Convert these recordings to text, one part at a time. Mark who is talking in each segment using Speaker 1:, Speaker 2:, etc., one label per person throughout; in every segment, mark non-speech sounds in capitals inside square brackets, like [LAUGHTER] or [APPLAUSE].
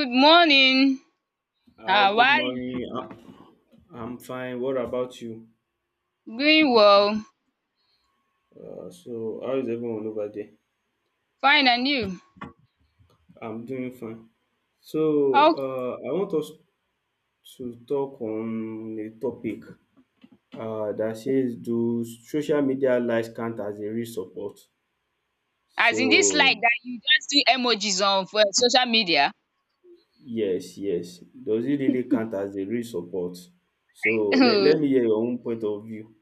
Speaker 1: Good morning.
Speaker 2: Hi,
Speaker 1: How
Speaker 2: good
Speaker 1: are you?
Speaker 2: morning. I'm fine. What about you?
Speaker 1: Doing well.
Speaker 2: So, how is everyone over there?
Speaker 1: Fine and you?
Speaker 2: I'm doing fine. So,
Speaker 1: Oh,
Speaker 2: I want us to talk on a topic that says, do social media likes count as a real support?
Speaker 1: as
Speaker 2: So,
Speaker 1: in this like that? You just do emojis on for social media?
Speaker 2: yes, yes. Does it really count as a real support? So, let me
Speaker 1: [LAUGHS]
Speaker 2: hear your own point of view.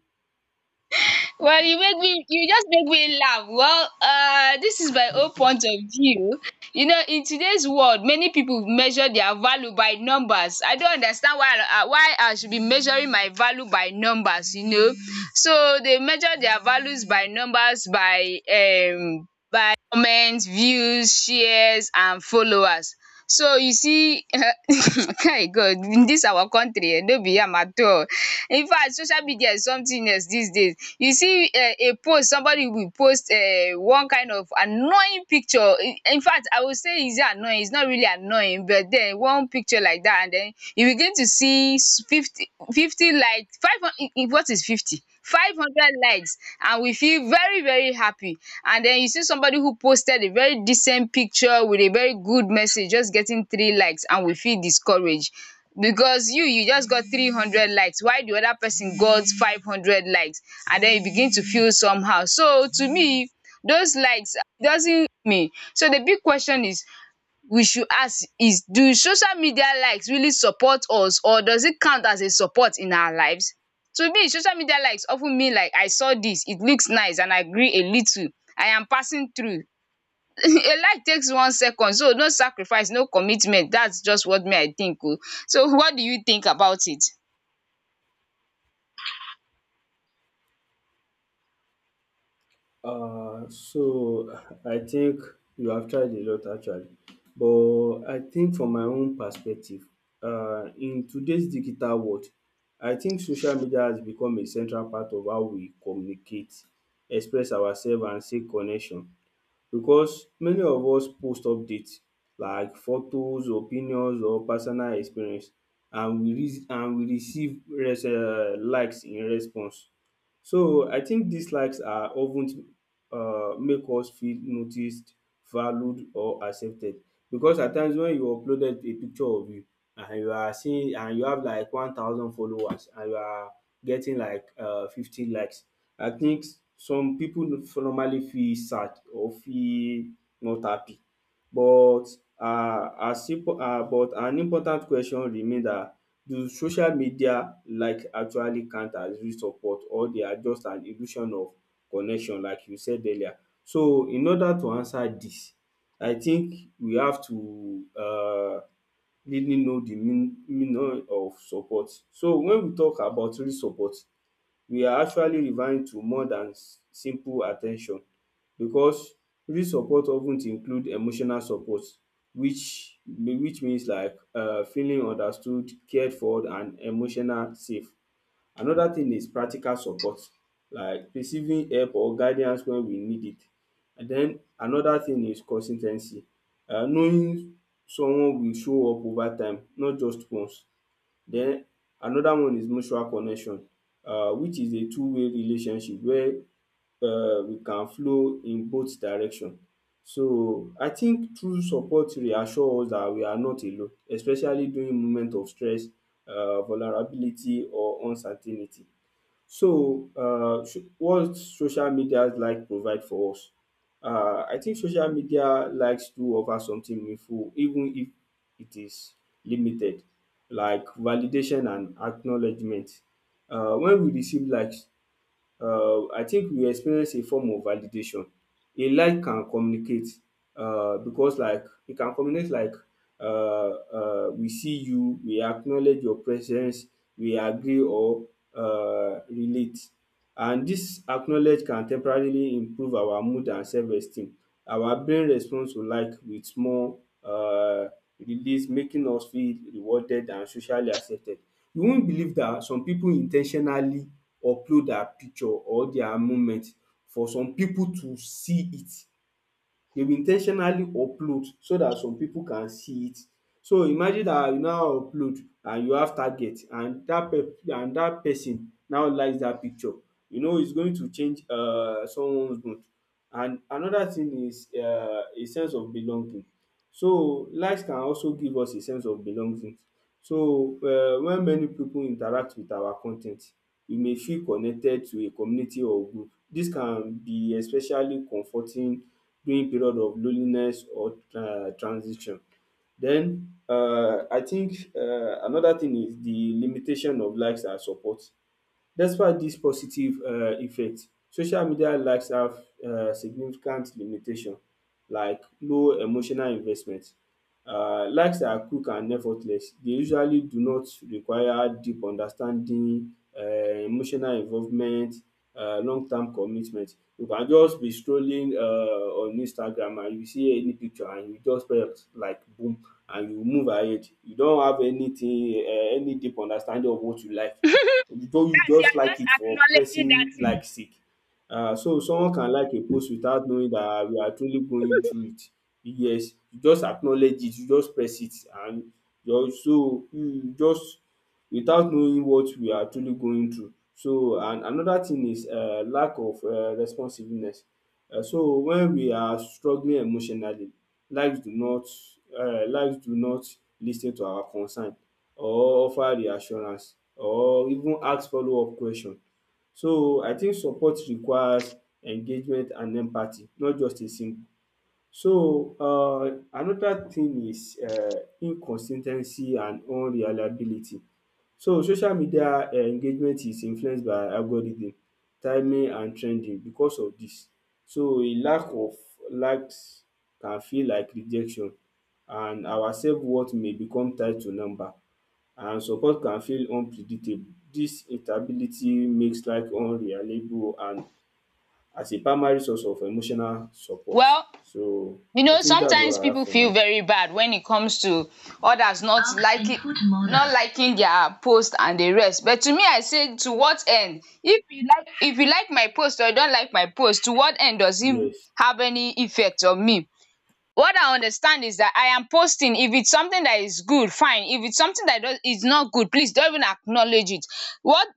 Speaker 1: Well, you just make me laugh. Well, this is my own point of view. You know, in today's world, many people measure their value by numbers. I don't understand why I should be measuring my value by numbers. So they measure their values by numbers, by comments, views, shares and followers. So you see, [LAUGHS] kai, God in dis our country, no be yam at all. Infact, social media is something else dis days. You see, a post, somebody will post one kind of annoying picture. Infact, I will say, is it annoying? Is not really annoying, but den one picture like dat, and den you begin to see 50, 50, like 500. What is 50? 500 likes and we feel very, very happy, and then you see somebody who posted a very decent picture with a very good message just getting three likes, and we feel discouraged because you just got 300 likes while the other person got 500 likes, and then you begin to feel somehow. So to me, those likes doesn't me, so the big question is, we should ask is, do social media likes really support us, or does it count as a support in our lives? To me, social media likes often mean like, I saw this, it looks nice and I agree a little, I am passing through. [LAUGHS] A like takes 1 second, so no sacrifice, no commitment. That's just what me I think o. So what do you think about it?
Speaker 2: So I think you have tried a lot actually, but I think from my own perspective, in today's digital world, I think social media has become a central part of how we communicate, express ourselves and seek connection. Because many of us post updates like photos, opinions or personal experience, and and we receive likes in response. So I think these likes are often, make us feel noticed, valued or accepted, because at times when you uploaded a picture of you and you are seeing and you have like 1,000 followers and you are getting like 50 likes, I think some pipu normally feel sad or feel not happy, but as impo but an important question remain dat, do social media like actually count as real support, or they are just an illusion of connection like you said earlier? So in order to answer dis, I think we have to um really know the meaning of support. So when we talk about real support, we are actually referring to more than simple at ten tion, because real support of ten include emotional support, which means like feeling understood, cared for and emotional safe. Another thing is practical support, like receiving help or guidance when we need it. And then another thing is consis ten cy, knowing someone will show up over time, not just once. Then another one is mutual connection, which is a two-way relationship where we can flow in both direction. So I think true support reassure us that we are not alone, especially during moment of stress, vulnerability or uncertainty. So, what social media like provide for us? I think social media likes to offer something meaningful, even if it is limited, like validation and acknowledgement. When we receive likes, I think we experience a form of validation. A like can communicate, because like e can communicate like, we see you, we acknowledge your presence, we agree or relate. And dis acknowledge can temporarily improve our mood and self esteem. Our brain responds to like with small release, making us feel rewarded and socially accepted. You won't believe dat some pipu in ten tionally upload their picture or their moment for some people to see it. They will in ten tionally upload so that some people can see it. So imagine that you now upload and you have target, and that pe and that person now likes that picture. You know it's going to change someone's mood. And another thing is a sense of belonging. So likes can also give us a sense of belonging. So when many people interact with our con ten t, we may feel connected to a community or group. Dis can be especially comforting during period of loneliness or transition. Then I think another thing is the limitation of likes and support. Despite this positive effect, social media likes have significant limitation, like low emotional investment. Likes are quick and effortless. They usually do not require deep understanding, emotional involvement, long term commitment. You can just be strolling on Instagram and you see any picture and you just press like, boom, and you move ahead. You don't have anything, any deep understanding of what you like. You just you
Speaker 1: That's you
Speaker 2: just
Speaker 1: are
Speaker 2: like
Speaker 1: just
Speaker 2: it for
Speaker 1: acknowledging that
Speaker 2: pressing
Speaker 1: thing.
Speaker 2: like sake. So someone can like a post without knowing that we are truly going through it. Yes, you just acknowledge it, you just press it, and your so you just without knowing what we are truly going through. So, and another thing is lack of responsiveness. So when we are struggling emotionally, lives do not lives do not lis ten to our concern or offer reassurance or even ask follow up question. So I think support requires engagement and empathy, not just a single. So another thing is inconsis ten cy and unreliability. So social media engagement is influenced by algorithm, timing and trending. Because of dis, so a lack of likes can feel like rejection and our self worth may become tied to number, and some support can feel unpredictable. Dis instability makes life unreliable and as a primary source of emotional support.
Speaker 1: Well,
Speaker 2: So
Speaker 1: you
Speaker 2: I
Speaker 1: know,
Speaker 2: think that's what
Speaker 1: sometimes
Speaker 2: I have
Speaker 1: people
Speaker 2: for
Speaker 1: feel
Speaker 2: now.
Speaker 1: very bad when it comes to others not liking their post and the rest. But to me, I say, to what end? If you like my post or you don't like my post, to what end does it
Speaker 2: Yes.
Speaker 1: have any effect on me? What I understand is that I am posting. If it's something that is good, fine. If it's something that is not good, please don't even acknowledge it. What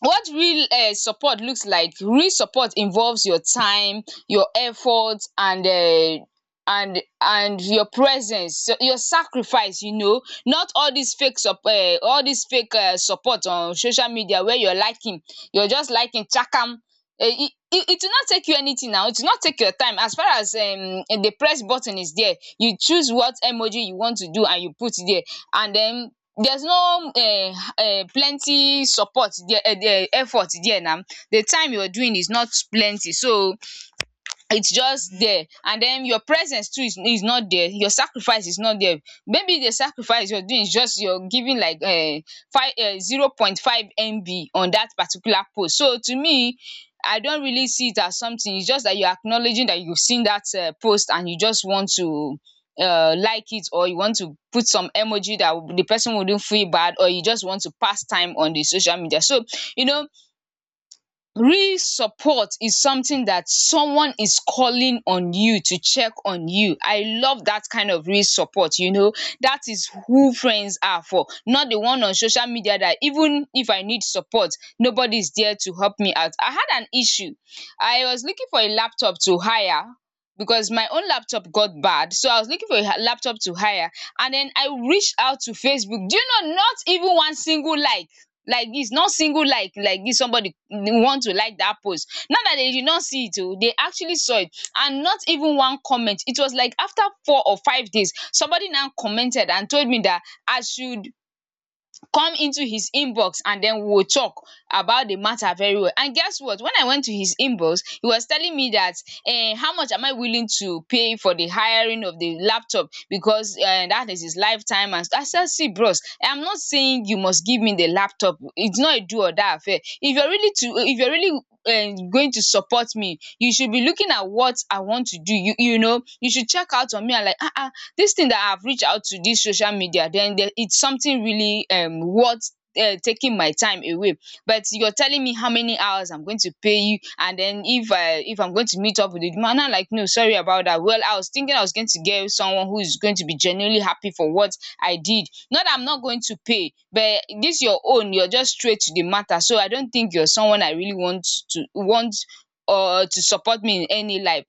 Speaker 1: what real support looks like. Real support involves your time, your effort, and your presence, so your sacrifice. Not all this fake support on social media, where you're just liking chakam. Eh, it will not take you anything. Now it will not take your time, as far as the press button is there, you choose what emoji you want to do and you put it there, and then there's no plenty support there, effort there. Now the time you're doing is not plenty, so it's just there, and then your presence too is not there, your sacrifice is not there. Maybe the sacrifice you're doing is just you're giving like five, zero point 0.5 MB on that particular post. So to me, I don't really see it as something. It's just that you're acknowledging that you've seen that post, and you just want to like it, or you want to put some emoji that the person wouldn't feel bad, or you just want to pass time on the social media. So you know, real support is something that someone is calling on you to check on you. I love that kind of real support, you know. That is who friends are for, not the one on social media that even if I need support, nobody is there to help me out. I had an issue, I was looking for a laptop to hire, because my own laptop got bad, so I was looking for a laptop to hire. And then I reached out to Facebook. Do you know, not even one single like. Like, it's not single like this somebody want to like that post now, that they did not see it? Oh, they actually saw it. And not even one comment. It was like after 4 or 5 days, somebody now commented and told me that I should come into his inbox and then we will talk about the matter very well. And guess what? When I went to his inbox, he was telling me that, how much am I willing to pay for the hiring of the laptop, because that is his lifetime. And I said, see bros, I'm not saying you must give me the laptop. It's not a do or die affair. If you're really going to support me, you should be looking at what I want to do. You know, you should check out on me and like, this thing that I've reached out to, this social media, then there, it's something really worth taking my time away. But you're telling me how many hours I'm going to pay you, and then if I'm going to meet up with the demand, now, like, no, sorry about that. Well, I was thinking I was going to get someone who is going to be genuinely happy for what I did, not that I'm not going to pay, but this your own, you're just straight to the matter, so I don't think you're someone I really want to want or to support me in any life.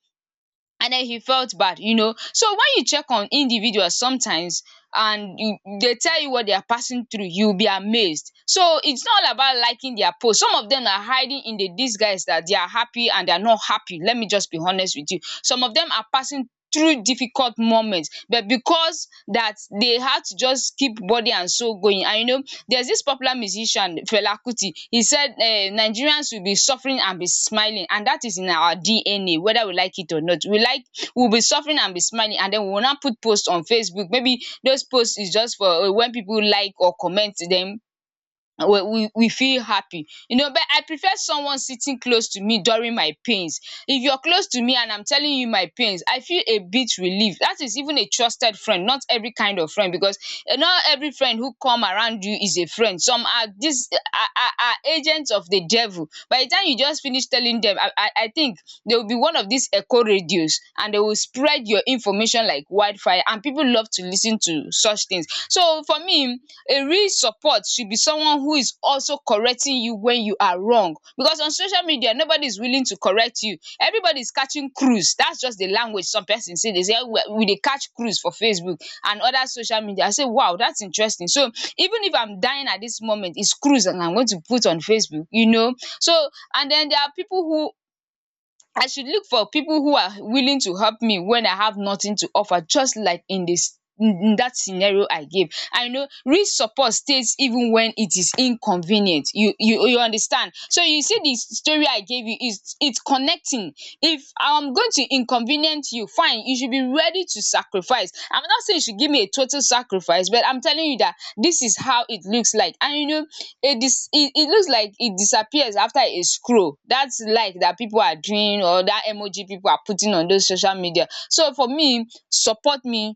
Speaker 1: And then he felt bad, you know. So when you check on individuals sometimes, they tell you what they are passing through, you'll be amazed. So it's not all about liking their post, some of them are hiding in the disguise that they are happy, and they are not happy, let me just be honest with you. Some of them are passing through difficult moments, but because that, they had to just keep body and soul going, and you know, there's this popular musician Fela Kuti. He said, Nigerians will be suffering and be smiling, and that is in our DNA, whether we like it or not. We'll be suffering and be smiling, and then we will not put posts on Facebook. Maybe those posts is just for, when people like or comment them." We feel happy, you know. But I prefer someone sitting close to me during my pains. If you're close to me and I'm telling you my pains, I feel a bit relieved. That is even a trusted friend, not every kind of friend. Because, eh, not every friend who come around you is a friend, some are this are agents of the devil. By the time you just finish telling them, I think they will be one of these echo radios, and they will spread your information like wildfire inspire, and people love to listen to such things. So for me, a real support should be someone who is also correcting you when you are wrong, because on social media nobody is willing to correct you. Everybody is catching cruise. That's just the language some person say. They say we dey catch cruise for Facebook and other social media. I say, wow, that's interesting. So even if I'm dying at this moment, it's cruise and I'm going to put on Facebook, you know. So, and then, there are people who, I should look for people who are willing to help me when I have nothing to offer, just like in this in that scenario I gave. I know real support stays even when it is inconvenient. You understand? So you see, the story I gave you, is it's connecting. If I'm going to inconvenient you, fine, you should be ready to sacrifice. I'm not saying you should give me a total sacrifice, but I'm telling you that this is how it looks like. And you know, it looks like it disappears after a scroll. That's like that people are doing, or that emoji people are putting on those social media. So for me, support me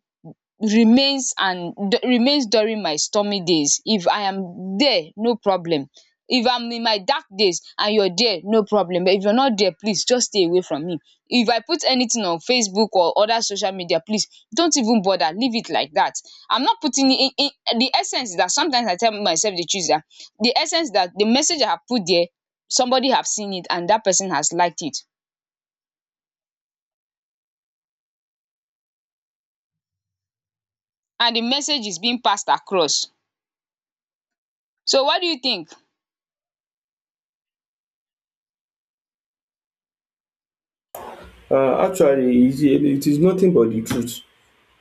Speaker 1: remains and remains during my stormy days. If I am there, no problem. If I'm in my dark days and you're there, no problem. But if you're not there, please just stay away from me. If I put anything on Facebook or other social media, please don't even bother, leave it like that. I'm not putting in. The essence is that sometimes I tell myself the truth that the essence that the message I have put there, somebody have seen it and that person has liked it and the message is being passed across. So what do you think?
Speaker 2: Actually, it is nothing but the truth.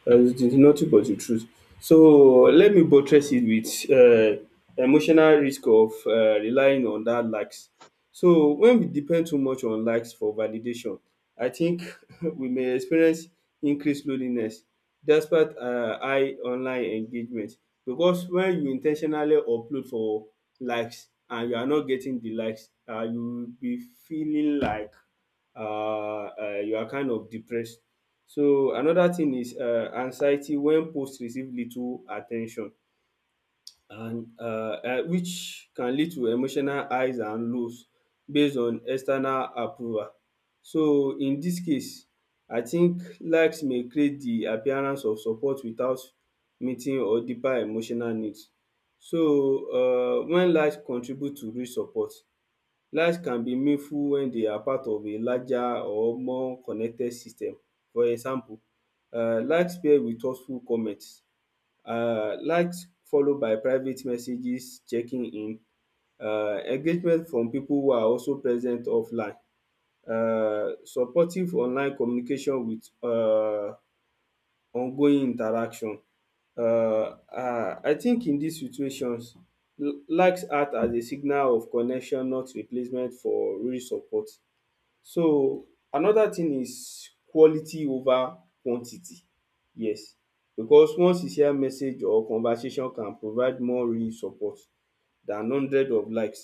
Speaker 2: It is nothing but the truth. So let me buttress it with um emotional risk of relying on that likes. So when we depend too much on likes for validation, I think [LAUGHS] we may experience increased loneliness, despite high online engagement, because when you in ten tionally upload for likes and you are not getting the likes, you will be feeling like um you are kind of depressed. So another thing is anxiety when post receive little at ten tion, and which can lead to emotional highs and lows based on external approval. So in dis case, I think likes may create the appearance of support without meeting or deeper emotional needs. So when likes contribute to real support, likes can be meaningful when they are part of a larger or more connected system. For example, likes paired with thoughtful comment, likes followed by private messages checking in, engagement from people who are also present offline, supportive online communication with ongoing interaction. I think in dis situations, likes act as a signal of connection, not replacement for real support. So another thing is quality over quantity. Yes, because one sincere message or conversation can provide more real support than hundred of likes.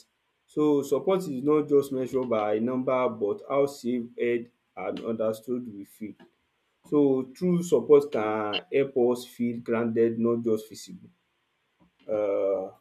Speaker 2: So support is not just measured by number, but how safe, heard and understood we feel. So true support can help us feel grounded, not just visible. um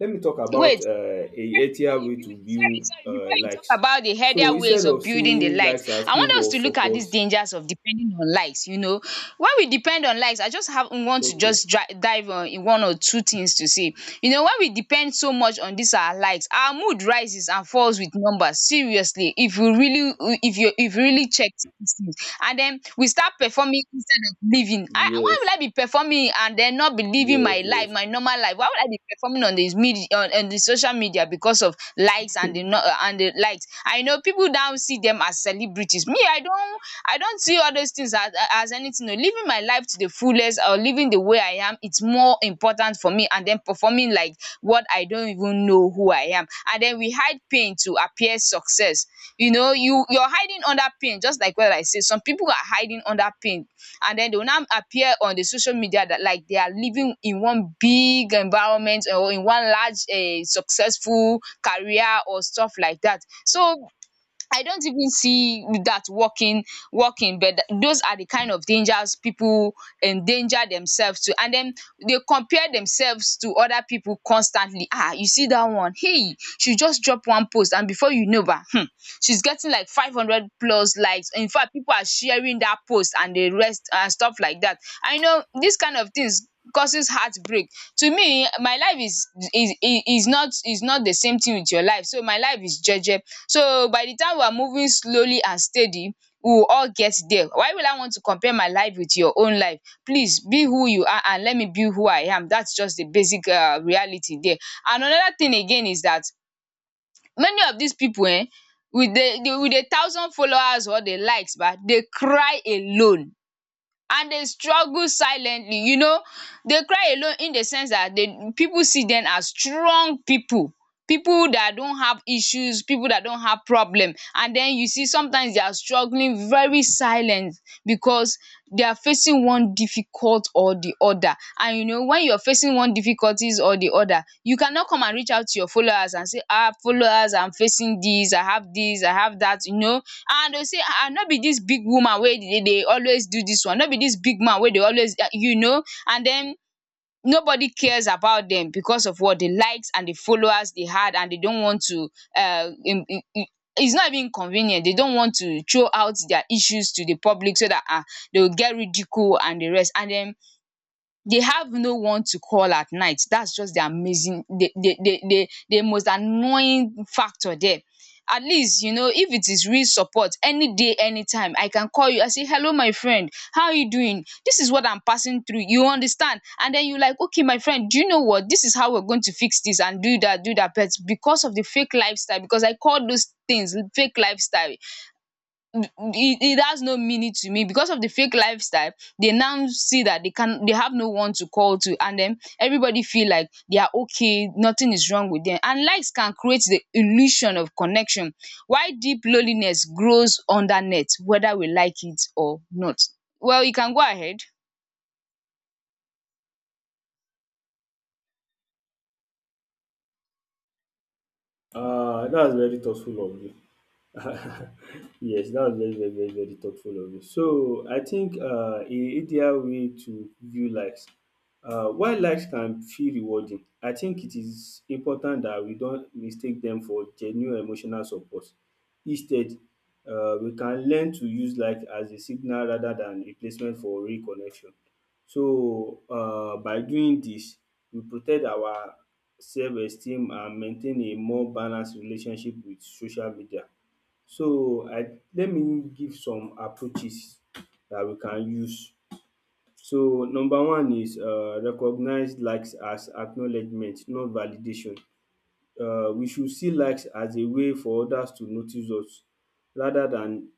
Speaker 2: Let me talk about
Speaker 1: Wait,
Speaker 2: a
Speaker 1: sorry, before
Speaker 2: healthier
Speaker 1: you
Speaker 2: way
Speaker 1: build,
Speaker 2: to
Speaker 1: sorry,
Speaker 2: view
Speaker 1: sorry, before you talk
Speaker 2: likes.
Speaker 1: about the
Speaker 2: So
Speaker 1: healthier
Speaker 2: instead
Speaker 1: ways of
Speaker 2: of
Speaker 1: building the
Speaker 2: seeing
Speaker 1: likes,
Speaker 2: likes as
Speaker 1: I want
Speaker 2: proof
Speaker 1: us
Speaker 2: of
Speaker 1: to look at
Speaker 2: support.
Speaker 1: these dangers of depending on likes, you know, why we depend on likes. I just have want to
Speaker 2: Okay.
Speaker 1: just dive on in one or two things to say. You know, why we depend so much on these our likes, our mood rises and falls with numbers seriously. If you really, if you really check dis things. And then we start performing instead of living. I Why will
Speaker 2: Yes,
Speaker 1: I be performing and then not be living
Speaker 2: yes,
Speaker 1: my life,
Speaker 2: yes.
Speaker 1: my normal life? Why would I be performing on dis on the social media because of likes and the di and the likes? I know pipu now see them as celebrities. Me, I don't, I don't see all those things as anything oh. Living my life to the fullest or living the way I am, it's more important for me, and then performing like what? I don't even know who I am. And then we hide pain to appear success. You know, you you're hiding under pain just like what I say. Some people are hiding under pain and then they will now appear on the social media that like they are living in one big environment or in one large successful career or stuff like that. So I don't even see that working, but those are the kind of dangers people endanger themselves to. And then they compare themselves to other people constantly. Ah, you see that one, hey, she just drop one post and before you know ba she's getting like 500 plus likes. In fact, people are sharing that post and the rest and stuff like that. I know these kind of things causes heartbreak. To me, my life is not, is not the same thing with your life. So my life is jeje. So by the time we are moving slowly and steady, we will all get there. Why will I want to compare my life with your own life? Please be who you are and let me be who I am. That's just the basic reality there. And another thing again is that many of these people, eh, with the with a thousand followers or the likes, but they cry alone and they struggle silently. You know, they cry alone in the sense that they people see them as strong people, people that don't have issues, people that don't have problem. And then you see sometimes they are struggling very silent, because they are facing one difficult support or the other. And you know, when you're facing one difficulties or the other, you cannot come and reach out to your followers and say, ah, followers, I'm facing this, I have this, I have that, you know. And they go say, ah, not be this big woman where they dey always do this one? Not be this big man where they always, you know. And then nobody cares about them because of what, the likes and the followers they had. And they don't want to, um it's not even convenient, they don't want to throw out their issues to the public so that ah, they will get ridicule and the rest. And then they have no one to call at night. That's just the amazing, the most annoying factor there. At least, you know, if it is real support, any day, anytime, I can call you. I say, hello, my friend, how are you doing? This is what I'm passing through. You understand? And then you like, okay, my friend, do you know what? This is how we're going to fix this and do that, do that. But because of the fake lifestyle, because I call those things fake lifestyle, it, it has no meaning to me. Because of the fake lifestyle, they now see that they have no one to call to, and then everybody feel like they are okay, nothing is wrong with them. And likes can create the illusion of connection why deep loneliness grows under net, whether we like it or not. Well, you can go ahead.
Speaker 2: That's very thoughtful of you. [LAUGHS] Yes, that was very, very, very, very thoughtful of you. So I think, a ideal way to view likes. While likes can feel rewarding, I think it is important that we don't mistake them for genuine emotional support. Instead, we can learn to use like as a signal rather than replacement for real connection. So, by doing this, we protect our self-esteem and maintain a more balanced relationship with social media. So I let me give some approaches that we can use. So number one is recognize likes as acknowledgement, not validation. We should see likes as a way for others to notice us rather than,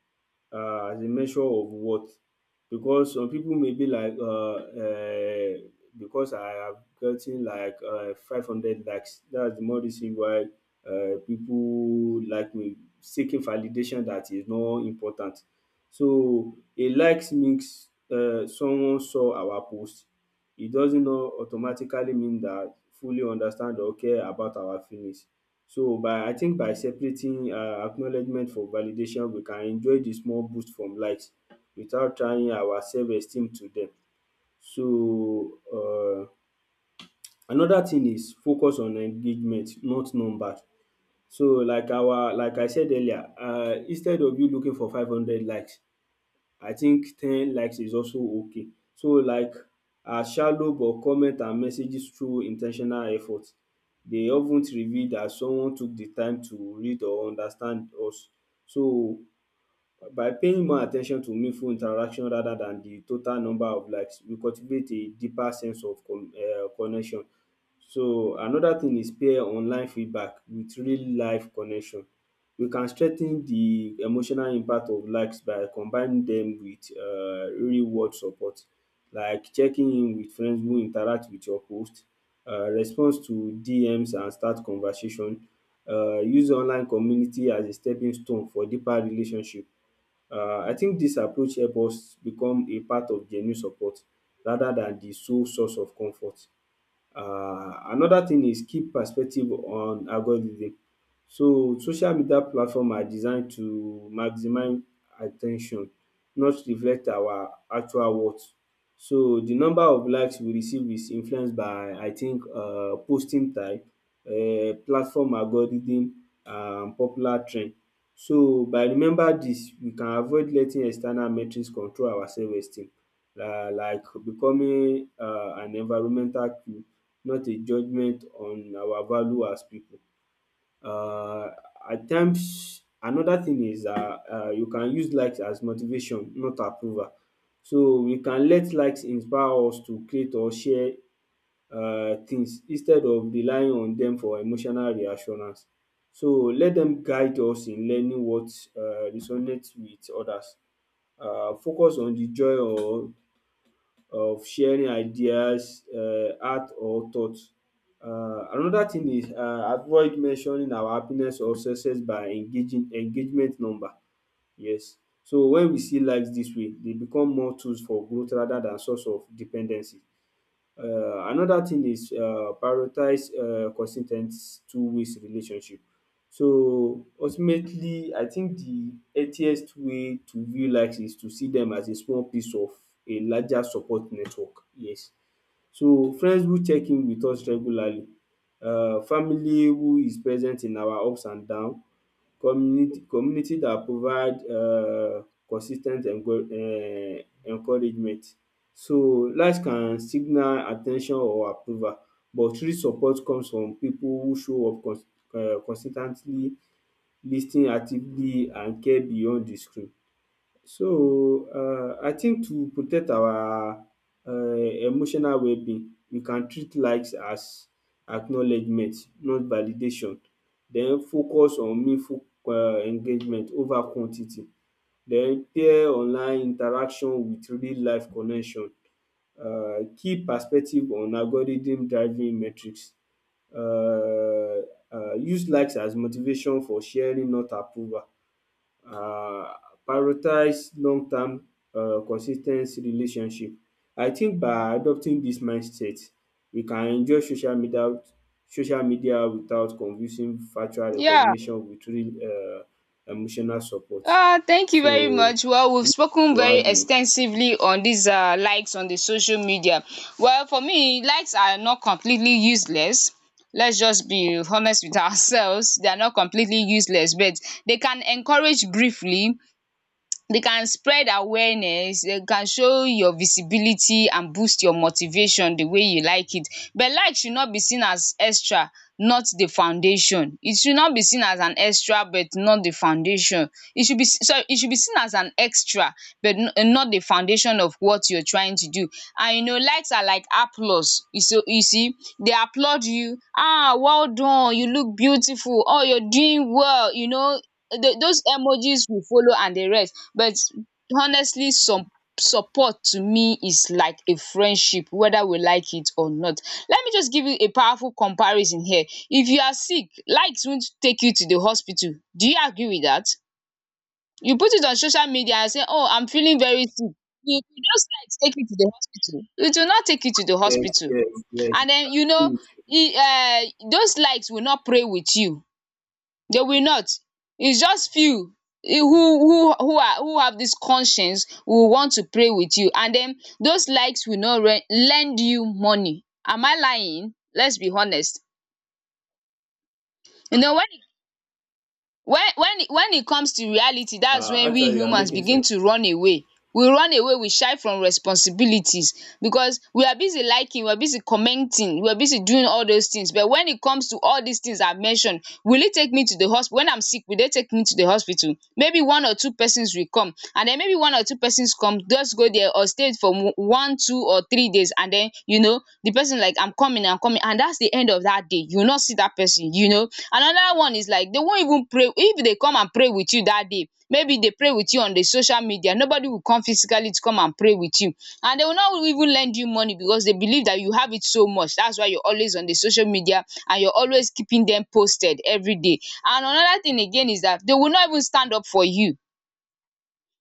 Speaker 2: as a measure of worth, because some people may be like, because I have gotten like, 500 likes, that's the more reason why, people like me seeking validation. That is not important. So a likes means, someone saw our post. It doesn't not automatically mean that fully understand or care about our feelings. So by I think by separating acknowledgement from validation, we can enjoy the small boost from likes without trying our self esteem to dem. So another thing is focus on engagement, not numbers. So like our like I said earlier, instead of you looking for 500 likes, I think 10 likes is also okay. So like are shallow, but comment and messages through in ten tional effort. They of ten reveal that someone took the time to read or understand us. So by paying more at ten tion to meaningful interaction rather than the total number of likes, we cultivate a deeper sense of connection. So another thing is peer online feedback with real life connection. You can strengthen the emotional impact of likes by combining them with real world support, like checking in with friends who interact with your post, response to DMs and start conversation, use online community as a stepping stone for deeper relationship. I think this approach help us become a part of genuine support rather than the sole source of comfort. Another thing is key perspective on algorithm. So social media platform are designed to maximize at ten tion, not reflect our actual worth. So the number of likes we receive is influenced by, I think, posting type, platform algorithm and popular trend. So by remember dis, we can avoid letting external metrics control our self esteem, like becoming an environmental, not a judgement on our value as pipu. um At times, another thing is, you can use likes as motivation, not approval. So we can let likes inspire us to create or share things, instead of relying on dem for emotional reassurance. So let dem guide us in learning what resonate with others. Focus on the joy or of sharing ideas, art or thoughts. Another thing is, avoid mentioning our happiness or success by engaging engagement number. Yes. So when we see likes this way, they become more tools for growth rather than source of dependency. um another thing is, prioritize consis ten t two ways relationship. So ultimately I think the healthiest way to view likes is to see dem as a small piece of a larger support network, yes. So friends who check in with us regularly, family who is present in our ups and down, community that provide consis ten t encouragement. So likes can signal at ten tion or approval, but true support comes from pipu who show up consis ten tly, lis ten actively, and care beyond the screen. So, I think, to protect our emotional wellbeing, we can treat likes as acknowledgement, not validation, den focus on meaningful engagement over quantity, den pair online interaction with real life connection, keep perspective on algorithm driving metrics, um use likes as motivation for sharing, not approval, um prioritize long term consis ten cy relationship. I think by adopting dis mindset, we can enjoy social media without confusing factual
Speaker 1: Yeah.
Speaker 2: recognition with real emotional support.
Speaker 1: Thank you
Speaker 2: So
Speaker 1: very much. Well, we've
Speaker 2: to
Speaker 1: spoken very
Speaker 2: add more.
Speaker 1: extensively on these likes on the social media. Well, for me, likes are not completely useless. Let's just be honest with [LAUGHS] ourselves. They are not completely useless, but they can encourage briefly, they can spread awareness, they can show your visibility and boost your motivation the way you like it. But like should not be seen as extra, not the foundation. It should not be seen as an extra but not the foundation. It should be it should be seen as an extra but not the foundation of what you're trying to do. And you know, likes are like applause. You so you see, they applaud you, ah, well done, you look beautiful, oh, you're doing well, you know, those emojis will follow and the rest. But honestly, some support to me is like a friendship, whether we like it or not. Let me just give you a powerful comparison here. If you are sick, likes won't take you to the hospital. Do you agree with that? You put it on social media and say, "oh I'm feeling very sick." If those likes take you to the hospital, it will not take you to the
Speaker 2: Yes,
Speaker 1: hospital.
Speaker 2: yes, yes.
Speaker 1: And
Speaker 2: I
Speaker 1: then you
Speaker 2: agree
Speaker 1: know,
Speaker 2: with you.
Speaker 1: e those likes will not pray with you, they will not. It's just few who who are who have this conscience will want to pray with you. And then those likes will not lend you money. Am I lying? Let's be honest. You know, when when it comes to reality, that's when we
Speaker 2: Actually, you are
Speaker 1: humans
Speaker 2: making
Speaker 1: begin
Speaker 2: sense.
Speaker 1: to run away. We run away, we shy from responsibilities because we are busy liking, we are busy commenting, we are busy doing all those things. But when it comes to all these things I mentioned, will it take me to the hospital when I'm sick? Will they take me to the hospital? Maybe one or two persons will come, and then maybe one or two persons come, just go there or stay for 1 2 or 3 days. And then you know, you know the person like, I'm coming, I'm coming, and that's the end of that day, you will not see that person. You know, another one is like they won't even pray. If they come and pray with you that day, maybe they pray with you on the social media, nobody will come physically to come and pray with you. And they will not even lend you money, because they believe that you have it so much, that's why you're always on the social media and you're always keeping them posted every day. And another thing again is that they will not even stand up for you.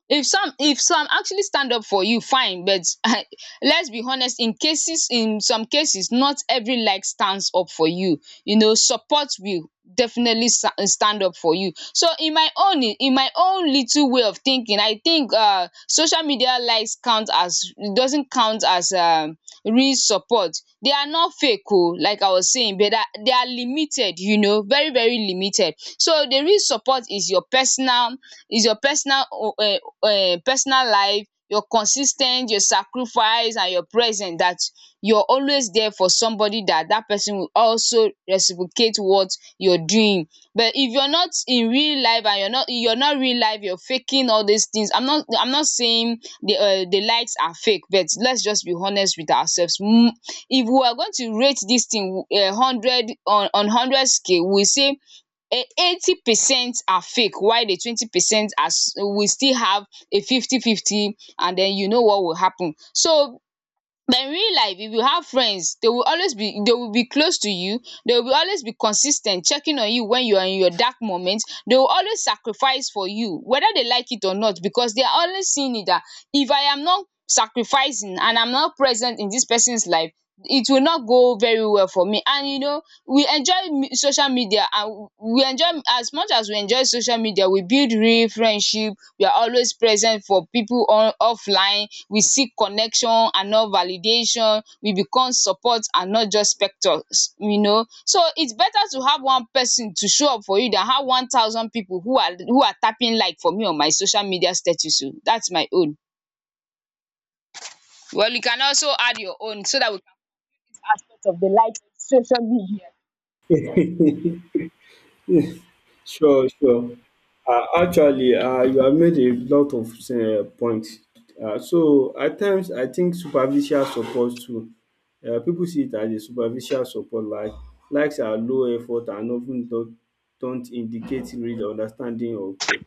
Speaker 1: If some, if some actually stand up for you, fine, but [LAUGHS] let's be honest. In cases, in some cases, not every like stands up for you. You know, support will definitely stand up for you. So in my own, little way of thinking, I think uh, social media likes count as doesn't count as real support. They are not fake oh, like I was saying, but that they are limited, you know, very very limited. So the real support is your personal uh, personal life, your consis ten t, your sacrifice and your presence. That you are always there for somebody, that that person will also reciprocate what you are doing. But if you're not in real life and you're not real life, you're faking all these things. I'm not, saying the likes are fake, but let's just be honest with ourselves. Mm, if we are going to rate this thing 100 on 100 scale, we say eh, 80% are fake while the 20% as we still have a 50 50, and then you know what will happen. So but in real life, if you have friends, they will always be, they will be close to you, they will always be consistent, checking on you when you are in your dark moments. They will always sacrifice for you whether they like it or not, because they are always seeing it that if I am not sacrificing and I'm not present in this person's life, it will not go very well for me. And you know, we enjoy me social media, and we enjoy, as much as we enjoy social media, we build real friendship. We are always present for people on offline. We seek connection and not validation. We become support and not just spectators. You know, so it's better to have one person to show up for you than have 1,000 people who are tapping like for me on my social media status o. That's my own. Well, you can also add your own so that we can have aspect of the life social media.
Speaker 2: [LAUGHS] Sure, sure. Actually, you have made a lot of points. So at times, I think superficial support too. People see it as a superficial support, like likes are low effort and often don't indicate real understanding or care.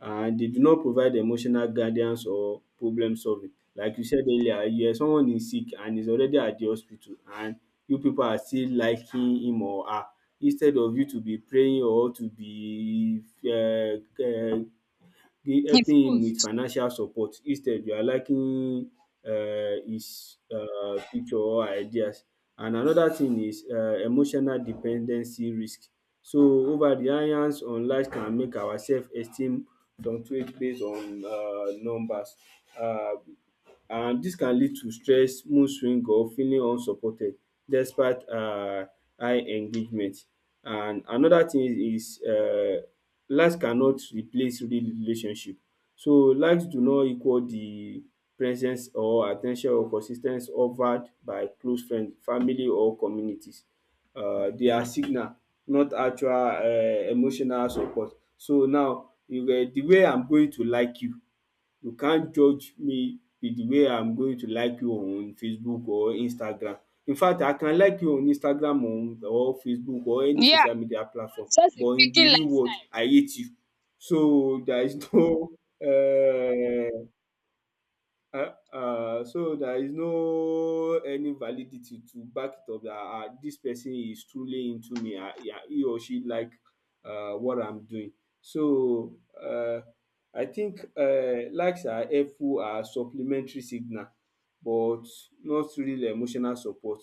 Speaker 2: And they do not provide emotional guidance or problem solving. Like you said earlier, yeah, someone is sick and is already at the hospital, and you people are still liking him or her, instead of you to be praying or to be the
Speaker 1: His
Speaker 2: helping him with
Speaker 1: post.
Speaker 2: financial support. Instead you are liking his picture or ideas. And another thing is, emotional dependency risk. So over reliance on likes can make our self esteem fluctuate based on numbers. um and this can lead to stress, mood swing, or feeling unsupported despite high engagement. And another thing is, likes cannot replace real relationship. So likes do not equal the presence or at ten tion or consis ten ce offered by close friends, family or communities. They are signal, not actual emotional support. So now you the way I'm going to like you can't judge me with the way I'm going to like you on Facebook or Instagram. In fact, I can like you on Instagram on or Facebook or any
Speaker 1: Yeah,
Speaker 2: social media platform,
Speaker 1: that's just a
Speaker 2: but in the
Speaker 1: faking
Speaker 2: real world
Speaker 1: lifestyle.
Speaker 2: I hate you. So there is no [LAUGHS] um um so there is no any validity to back it up that dis person is truly into me, he or she like what I'm doing. So, I think, likes are supplementary signal, but not real emotional support,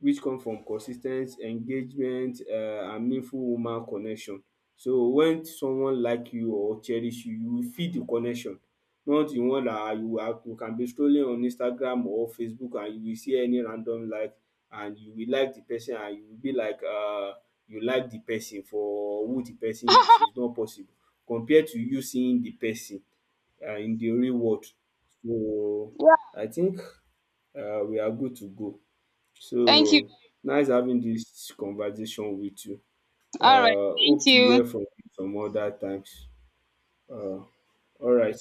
Speaker 2: which come from consis ten t engagement and meaningful human connection. So when someone like you or cherish you, you will feel the connection. Not the one that you can be scrolling on Instagram or Facebook, and you will see any random like, and you will like the person, and you will be like, you like the person for who the person is. It's not possible. Compared to you seeing the person in the real world. So
Speaker 1: [LAUGHS] Yeah,
Speaker 2: I think we are good to go. So,
Speaker 1: thank you.
Speaker 2: nice having this conversation with you.
Speaker 1: All right, thank
Speaker 2: Hope to
Speaker 1: you.
Speaker 2: hear from you some other times. Uh, all right.